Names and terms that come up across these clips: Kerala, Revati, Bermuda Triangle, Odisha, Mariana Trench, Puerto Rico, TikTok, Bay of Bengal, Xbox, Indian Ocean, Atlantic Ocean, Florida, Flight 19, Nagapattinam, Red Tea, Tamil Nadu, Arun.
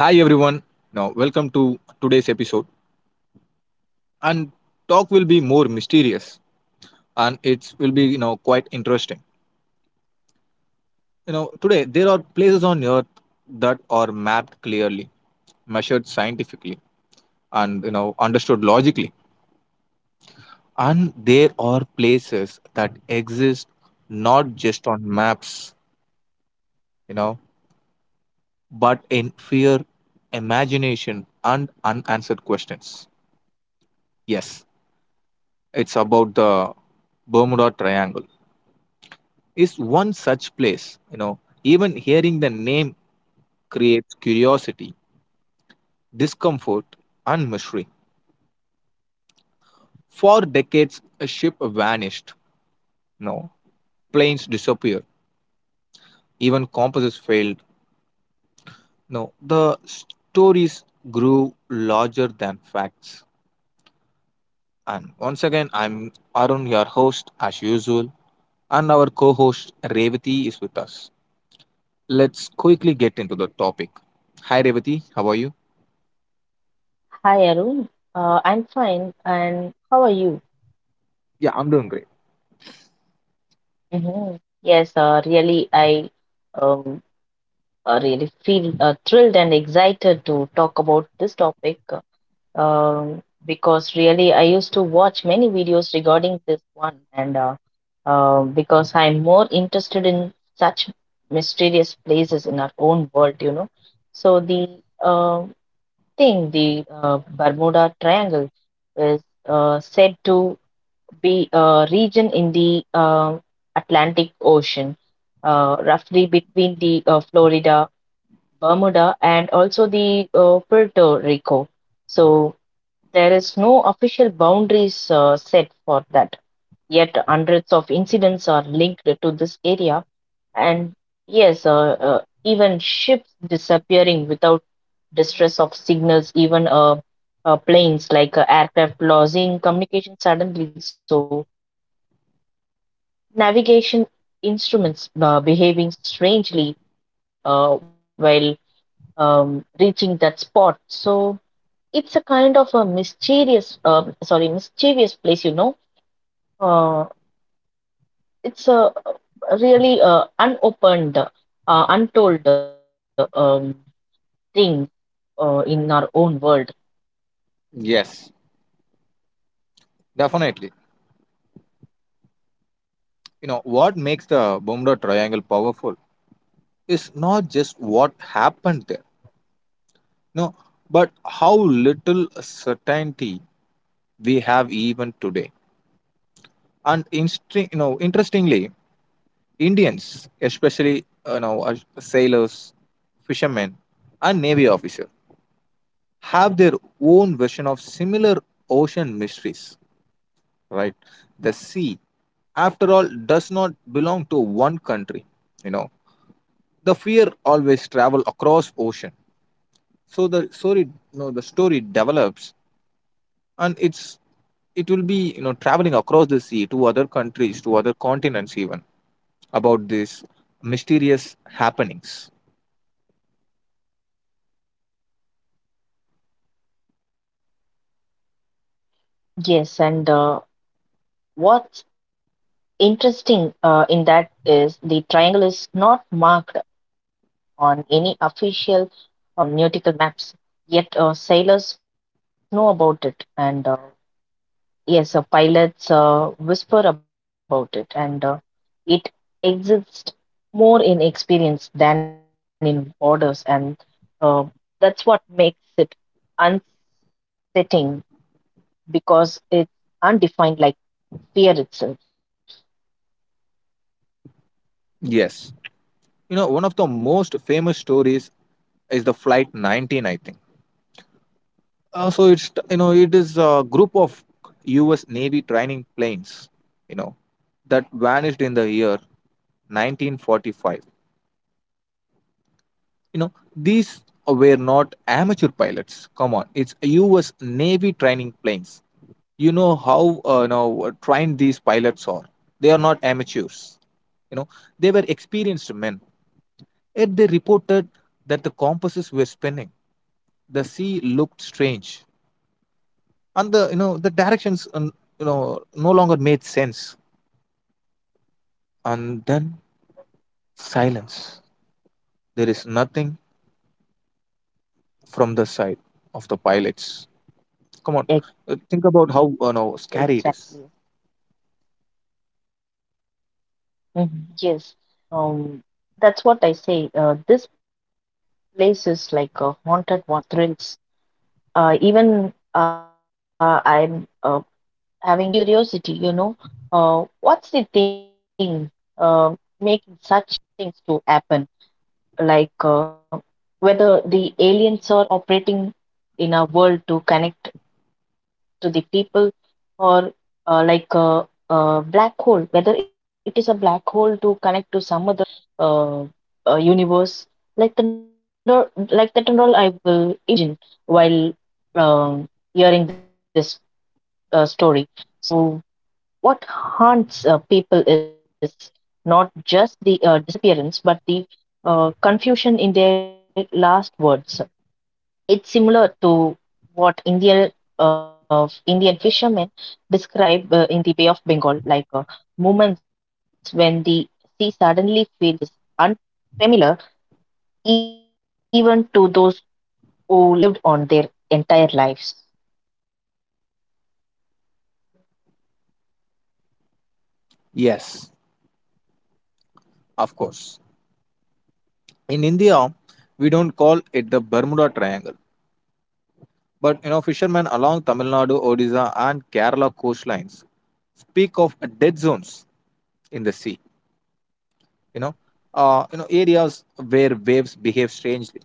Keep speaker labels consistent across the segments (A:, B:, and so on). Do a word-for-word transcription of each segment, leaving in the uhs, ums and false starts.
A: Hi everyone. Now welcome to today's episode. And talk will be more mysterious and it will be, you know, quite interesting. You know, today there are places on earth that are mapped clearly, measured scientifically and, you know, understood logically. And there are places that exist not just on maps, you know, but in fear, imagination and unanswered questions. Yes, it's about the Bermuda Triangle is one such place. You know, even hearing the name creates curiosity, discomfort, and mystery. For decades, a ship vanished. No, planes disappeared. Even compasses failed. No, the stories grew larger than facts. And once again, I'm Arun, your host, as usual, and our co-host Revati is with us. Let's quickly get into the topic. Hi, Revati. How are you?
B: Hi, Arun. Uh, I'm fine. And how are you?
A: Yeah, I'm doing great.
B: Mhm. Yes, uh, really, I um, uh, really feel uh, thrilled and excited to talk about this topic uh, um, because really I used to watch many videos regarding this one, and uh, uh, because I'm more interested in such mysterious places in our own world, you know. So the uh, thing, the uh, Bermuda Triangle is uh, said to be uh, region in the um Atlantic Ocean, uh, roughly between the uh, Florida, Bermuda, and also the uh, Puerto Rico. So there is no official boundaries uh, set for that. Yet hundreds of incidents are linked to this area, and yes, uh, uh, even ships disappearing without distress of signals, even uh, uh, planes like uh, aircraft losing communication suddenly. So navigation instruments uh, behaving strangely uh, while um, reaching that spot. So it's a kind of a mysterious, um sorry, mischievous place. You know, uh, it's a really uh, unopened, uh, untold um, thing uh, in our own world.
A: Yes, definitely. You know, what makes the Bermuda Triangle powerful is not just what happened there, no, but how little certainty we have even today. And instri- you know, interestingly, Indians, especially, you know, uh, sailors, fishermen, and navy officers, have their own version of similar ocean mysteries. Right, the sea, after all, does not belong to one country. You know, the fear always travel across ocean, so the story, you know, the story develops and it's, it will be, you know, traveling across the sea to other countries, to other continents, even, about these mysterious happenings.
B: Yes, and uh, What's interesting uh, in that uh, is the triangle is not marked on any official uh, nautical maps, yet uh, sailors know about it, and uh, yes, uh, pilots uh, whisper about it, and uh, it exists more in experience than in borders, and uh, that's what makes it unsettling because it's undefined like fear itself.
A: Yes, you know, one of the most famous stories is the flight nineteen, I think. Uh, so it's, you know, it is a group of US Navy training planes, you know, that vanished in the year nineteen forty-five. You know, these were not amateur pilots. Come on, it's U S. Navy training planes. You know how uh, you know, trained these pilots are. They are not amateurs. You know, they were experienced men. Yet they reported that the compasses were spinning. The sea looked strange, and the, you know, the directions, um, you know, no longer made sense. And then silence. There is nothing from the side of the pilots. Come on,
B: Ex-
A: uh, think about how, you know, scary it is.
B: Exactly. Mhm. Yes, um, that's what I say. Uh, this place is like a haunted one and the thrills. Uh, even uh, I'm uh, having curiosity, you know, uh, what's the thing uh, making such things to happen? Like uh, whether the aliens are operating in our world to connect to the people, or uh, like a, a black hole, whether it is a black hole to connect to some other uh, uh, universe, like the nor like that and all, I will imagine while um, hearing this uh, story. So, what haunts uh, people is not just the uh, disappearance, but the uh, confusion in their last words. It's similar to what Indian uh, Indian fishermen describe uh, in the Bay of Bengal, like uh, moments when the sea suddenly feels unfamiliar, even to those who lived on their entire lives.
A: Yes, of course. In India, we don't call it the Bermuda Triangle, but, you know, fishermen along Tamil Nadu, Odisha, and Kerala coastlines speak of dead zones in the sea. You know, uh, you know, areas where waves behave strangely.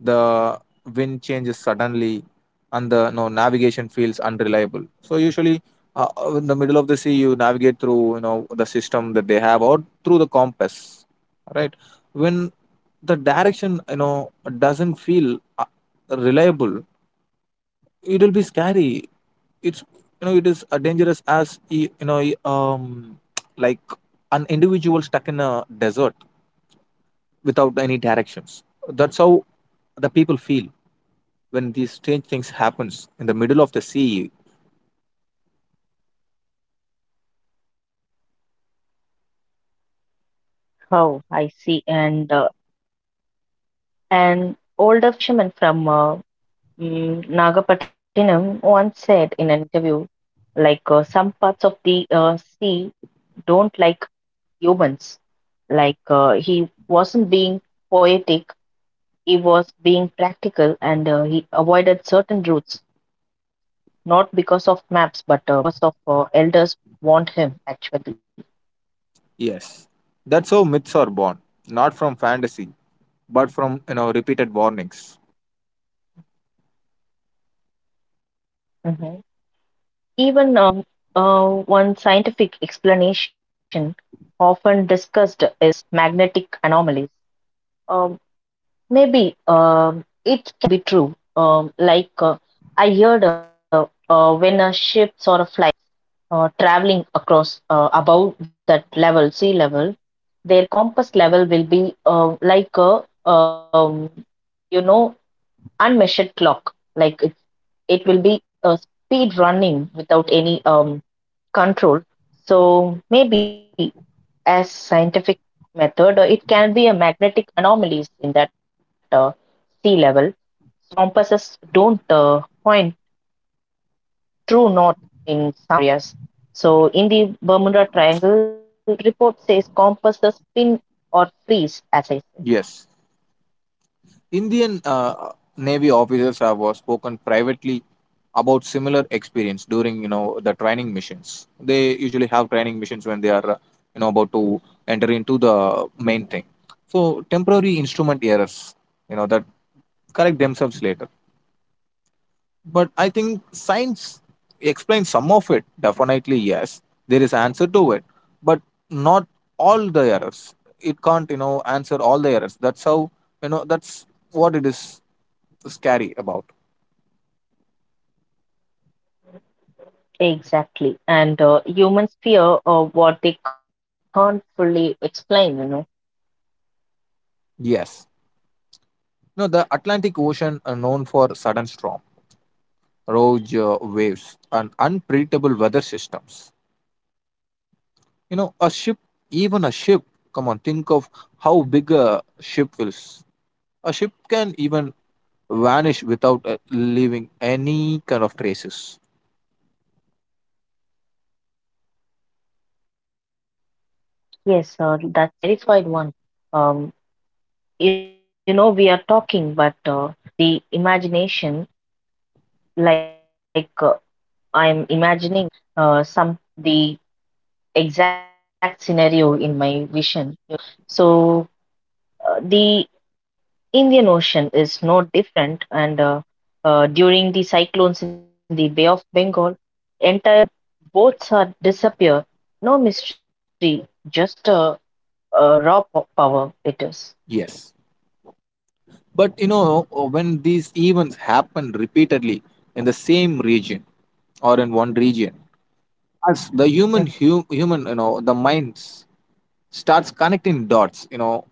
A: The wind changes suddenly and the no navigation feels unreliable. So usually, uh, uh, in the middle of the sea you navigate through, you know, the system that they have or through the compass, right? When the direction, you know, doesn't feel uh, reliable, it will be scary. It's, you know, it is uh, dangerous as y- you know, y- um like an individual stuck in a desert without any directions. That's how the people feel when these strange things happens in the middle of the sea.
B: Oh, I see. And uh, an older fisherman from uh, mm, Nagapattinam once said in an interview, like uh, some parts of the uh, sea don't like humans. Like uh, he wasn't being poetic, he was being practical, and uh, he avoided certain routes, not because of maps, but uh, because of uh, elders want him actually.
A: Yes, that's how myths are born, not from fantasy but from, you know, repeated warnings.
B: Mhm. Even um, uh, one scientific explanation often discussed is magnetic anomalies. Um, Maybe um, it can be true. Um, like uh, I heard uh, uh, when a ship or a flight uh, traveling across uh, above that level, sea level, their compass level will be uh, like a um, you know unmeasured clock. Like it, it will be a speed running without any um, control. So maybe as scientific method, uh, it can be a magnetic anomalies in that uh, sea level. So compasses don't uh, point true north in some areas. So, in the Bermuda Triangle, report says compasses spin or freeze, as I said.
A: Yes, Indian uh, navy officers have uh, spoken privately about similar experience during, you know, the training missions. They usually have training missions when they are uh, you know, about to enter into the main thing. So temporary instrument errors, you know, that correct themselves later. But I think science explains some of it. Definitely yes, there is answer to it, but not all the errors. It can't, you know, answer all the errors. That's how, you know, that's what it is scary about.
B: Exactly. And uh, humans fear uh, what they can't fully explain, you know.
A: Yes, no, the Atlantic Ocean are known for sudden storm, rogue uh, waves and unpredictable weather systems. You know, a ship, even a ship, come on, think of how big a ship will. A ship can even vanish without uh, leaving any kind of traces.
B: Yes, uh, that's a terrified one. Um, you know, we are talking, but uh, the imagination, like uh, I'm imagining uh, some the exact scenario in my vision, you know. So uh, the Indian Ocean is no different, and uh, uh, during the cyclones in the Bay of Bengal, entire boats are disappear. No mystery, just uh, uh, raw po- power it is.
A: Yes. But, you know, uh, when these events happen repeatedly in the same region or in one region, as the human hu- human, you know, the minds starts connecting dots, you know,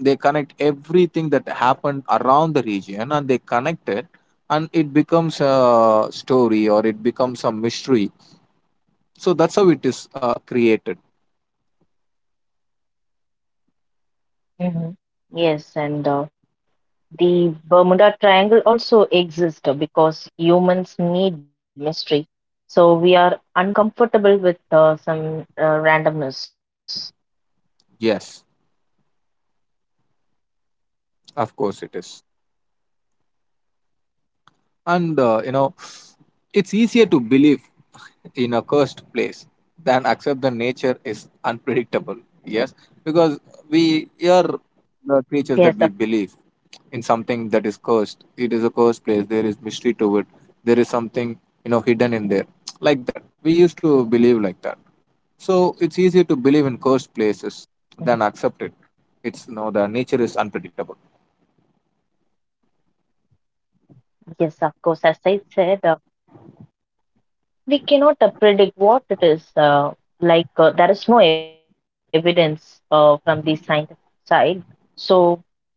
A: they connect everything that happened around the region and they connect it and it becomes a story or it becomes a mystery. So that's how it is uh, created.
B: Mm-hmm. Yes, and uh, the Bermuda Triangle also exists because humans need mystery. So we are uncomfortable with uh, some uh, randomness.
A: Yes, of course it is. And uh, you know, it's easier to believe in a cursed place than accept the nature is unpredictable. Yes, because we are the creatures that we
B: Yes, of
A: believe
B: course.
A: in something that is cursed. It is a cursed place. There is mystery to it. There is something, you know, hidden in there, like that. We used to believe like that. So it's easier to believe in cursed places
B: Mhm.
A: than accept it. It's no, the nature is unpredictable.
B: Yes, of course. As I said. Uh, we cannot uh, predict what it is. Uh, like uh, there is no evidence uh, from the scientific side. So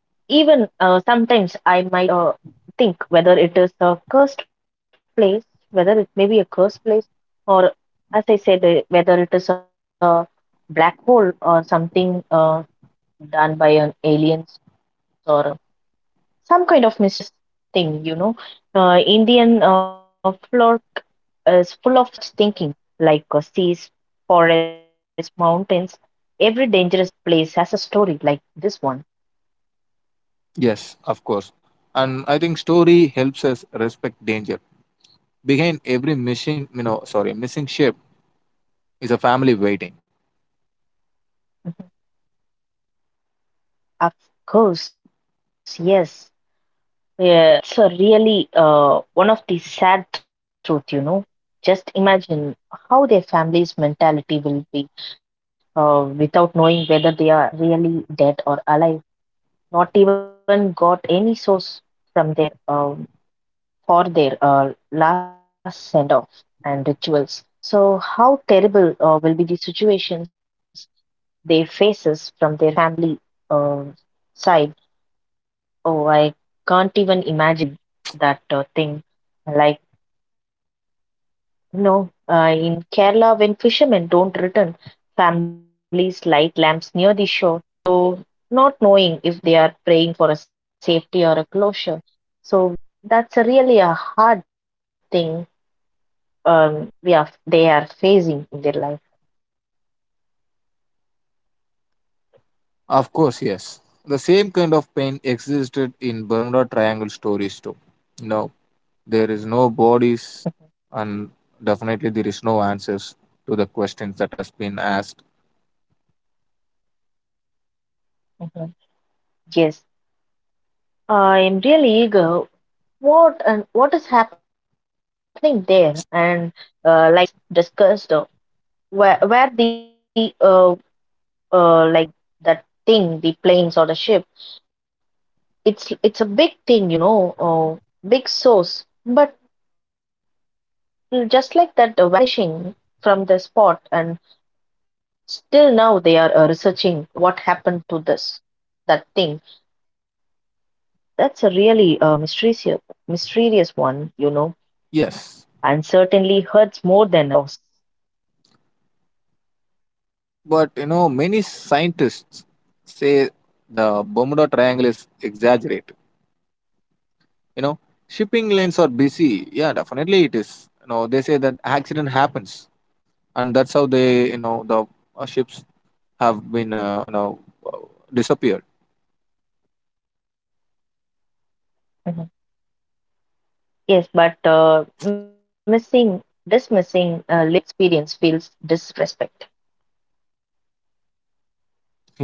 B: even uh, sometimes I might uh, think whether it is a cursed place, whether it may be a cursed place, or as I said, uh, whether it is a black hole or something uh, done by an aliens or some kind of mysterious thing, you know. Uh, Indian uh, folklore is full of such thinking, like uh, seas, forests, mountains. Every dangerous place has a story like this one.
A: Yes, of course. And I think story helps us respect danger. Behind every missing, you know, sorry, missing ship is a family waiting.
B: Mhm. Of course, yes. Yeah, that's a really uh, one of the sad truth, you know. Just imagine how their family's mentality will be uh, without knowing whether they are really dead or alive. Not even got any source from their um, for their uh, last send off and rituals. So how terrible uh, will be the situations they faces from their family uh, side? Oh, I can't even imagine that uh, thing. Like no, uh, in Kerala, when fishermen don't return, families light lamps near the shore, so not knowing if they are praying for a safety or a closure. So that's a really a hard thing um, we are they are facing in their life.
A: Of course, yes. The same kind of pain existed in Bermuda Triangle stories too. You know, there is no bodies, and definitely there is no answers to the questions that has been asked.
B: Mhm. Yes, I am really eager. What and what is happening there? And uh, like we s- discussed, uh, where where the uh, uh, like uh, that thing, the planes or the ship. It's it's a big thing, you know, uh, big source. But just like that, uh, vanishing from the spot, and still now they are uh, researching uh, what happened to this that thing. That's a really uh, mysterious mysterious one, you know, and
A: Yes,
B: certainly hurts more than a loss.
A: but you know, many scientists say the Bermuda Triangle is exaggerated. You know, shipping lines are busy. Yeah, definitely it is. You know, they say that accident happens and that's how they, you know, the uh, ships have been uh, you know, uh, disappeared.
B: Mhm. Yes, but uh, missing dismissing uh, lived experience feels disrespect.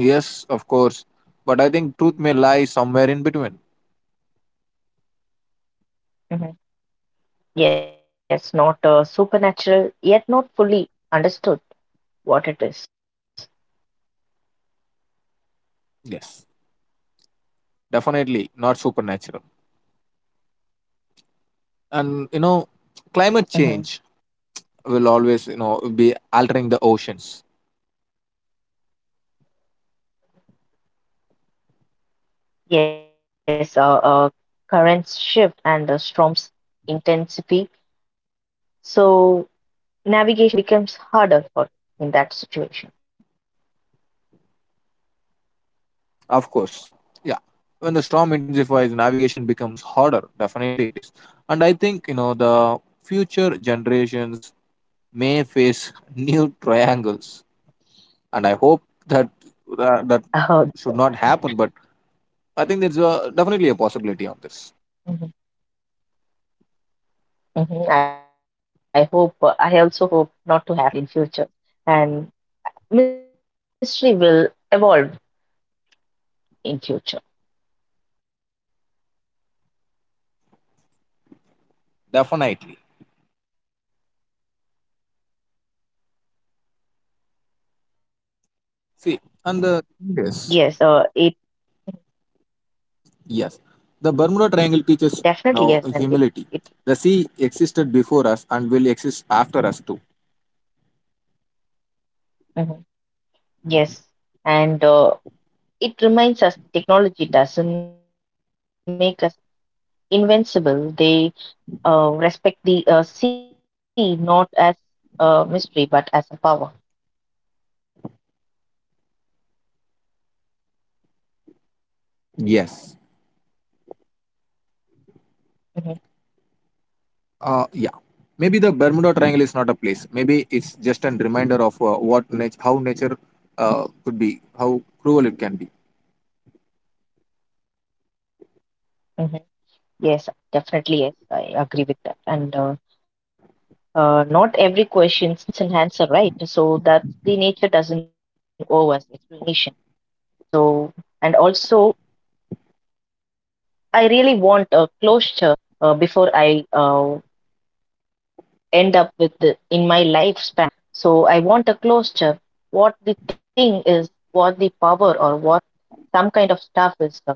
A: Yes, of course. But I think truth may lie somewhere in between.
B: Yes, not uh, supernatural, yet not fully understood what it is.
A: Yes, definitely not supernatural. And you know, climate
B: Mhm.
A: change will always, you know, be altering the oceans.
B: Yes, uh, uh, Currents shift and uh, storms intensify, so navigation becomes harder for in that situation.
A: Of course. Yeah. When the storm intensifies, navigation becomes harder. Definitely it is. And I think, you know, the future generations may face new triangles. And I hope that that, that
B: Oh, that's
A: should
B: so
A: not
B: funny.
A: happen. But I think there's a, definitely a possibility on this.
B: Hmm. Hmm. I hope. uh, I also hope not to happen in future, and mystery will evolve in future.
A: Definitely. See, and the thing is,
B: Yes, uh, it
A: yes, the Bermuda Triangle teaches
B: Definitely yes,
A: now
B: and it,
A: humility.
B: it
A: The sea existed before us and will exist after us too.
B: Mhm. Yes, and uh, it reminds us that technology doesn't make us invincible. They uh, respect the uh, sea not as a mystery but as a power.
A: Yes.
B: Hmm.
A: Uh, yeah. Maybe the Bermuda Triangle is not a place. Maybe it's just a reminder of uh, what nat- how nature uh, could be, how cruel it can be.
B: Hmm. Yes, definitely. Yes, I agree with that. And uh, uh, not every question needs an answer, right? So that the nature doesn't owe us explanation. So, and also, I really want a closure uh, before I uh, end up with the- in my lifespan. So I want a closure. What the thing is, what the power or what some kind of stuff is uh,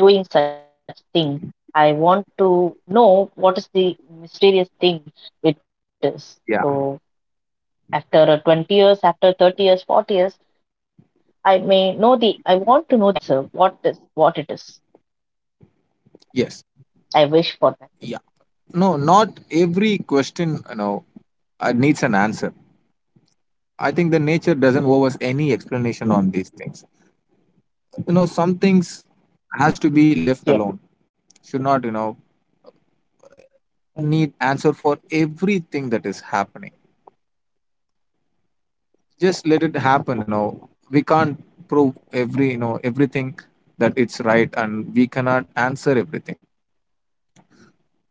B: doing such thing. I want to know what is the mysterious thing it is. So
A: Yeah.
B: after uh, twenty years, after thirty years, forty years, I may know the, I want to know the answer. What is, what it is.
A: Yes.
B: I wish for that.
A: Yeah. No, not every question, you know, uh, needs an answer. I think the nature doesn't owe us any
B: Mhm.
A: explanation on these things. You know, some things has to be left alone.
B: Yes.
A: Should not, you know,
B: Mm-hmm.
A: need answer for everything that is happening. Just let it happen, you know, we can't prove every, you know, everything that it's right and we cannot answer everything.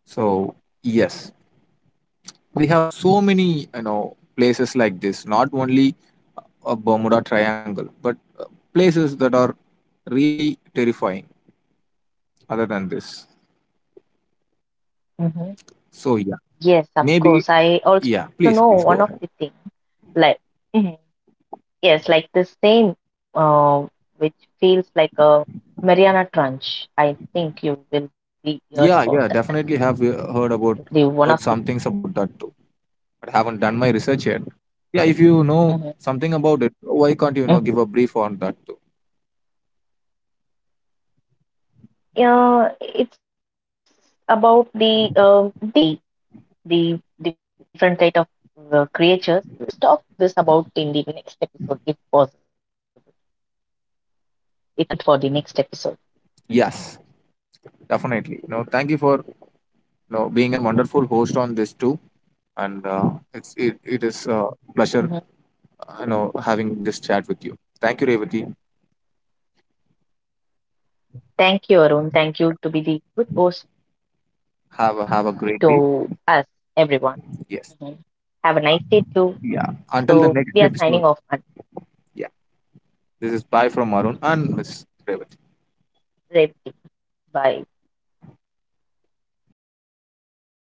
A: So yes, we have so many, you know, places like this, not only a Bermuda Triangle but uh, places that are really terrifying other than this.
B: Mm-hmm.
A: So yeah,
B: Yes, of course.
A: maybe.
B: I also
A: Yeah,
B: know
A: please,
B: one of
A: please
B: the
A: go ahead.
B: things. Like Mhm. Yes, like the same, uh, which feels like a Mariana Trench. I think you will be heard about
A: Yeah,
B: that.
A: yeah, definitely have uh, heard about,
B: The one of
A: heard
B: the.
A: some things about that too, but haven't done my research yet. Yeah, if you know
B: Mhm,
A: something about it, why can't you, you know, give
B: mhm.
A: a brief on that too?
B: Yeah, it's about the um deep sea, the different type of uh, creatures. Let's talk this about in the next episode, if possible. It's a hint for the next episode.
A: Yes, definitely. You know, thank you for, you know, being a wonderful host on this too, and uh, it's it, it is a pleasure
B: Mhm.
A: uh, you know, having this chat with you. Thank you, Revati.
B: Thank you, Arun. Thank you to be the good host
A: Have a, have a great day.
B: to us,
A: Yes.
B: everyone. Mhm.
A: Yeah.
B: Have a nice
A: Until
B: day
A: the
B: too.
A: next episode.
B: So we are
A: Yeah.
B: signing off at
A: This is bye from Arun and Miss Revati.
B: Red Tea. Bye.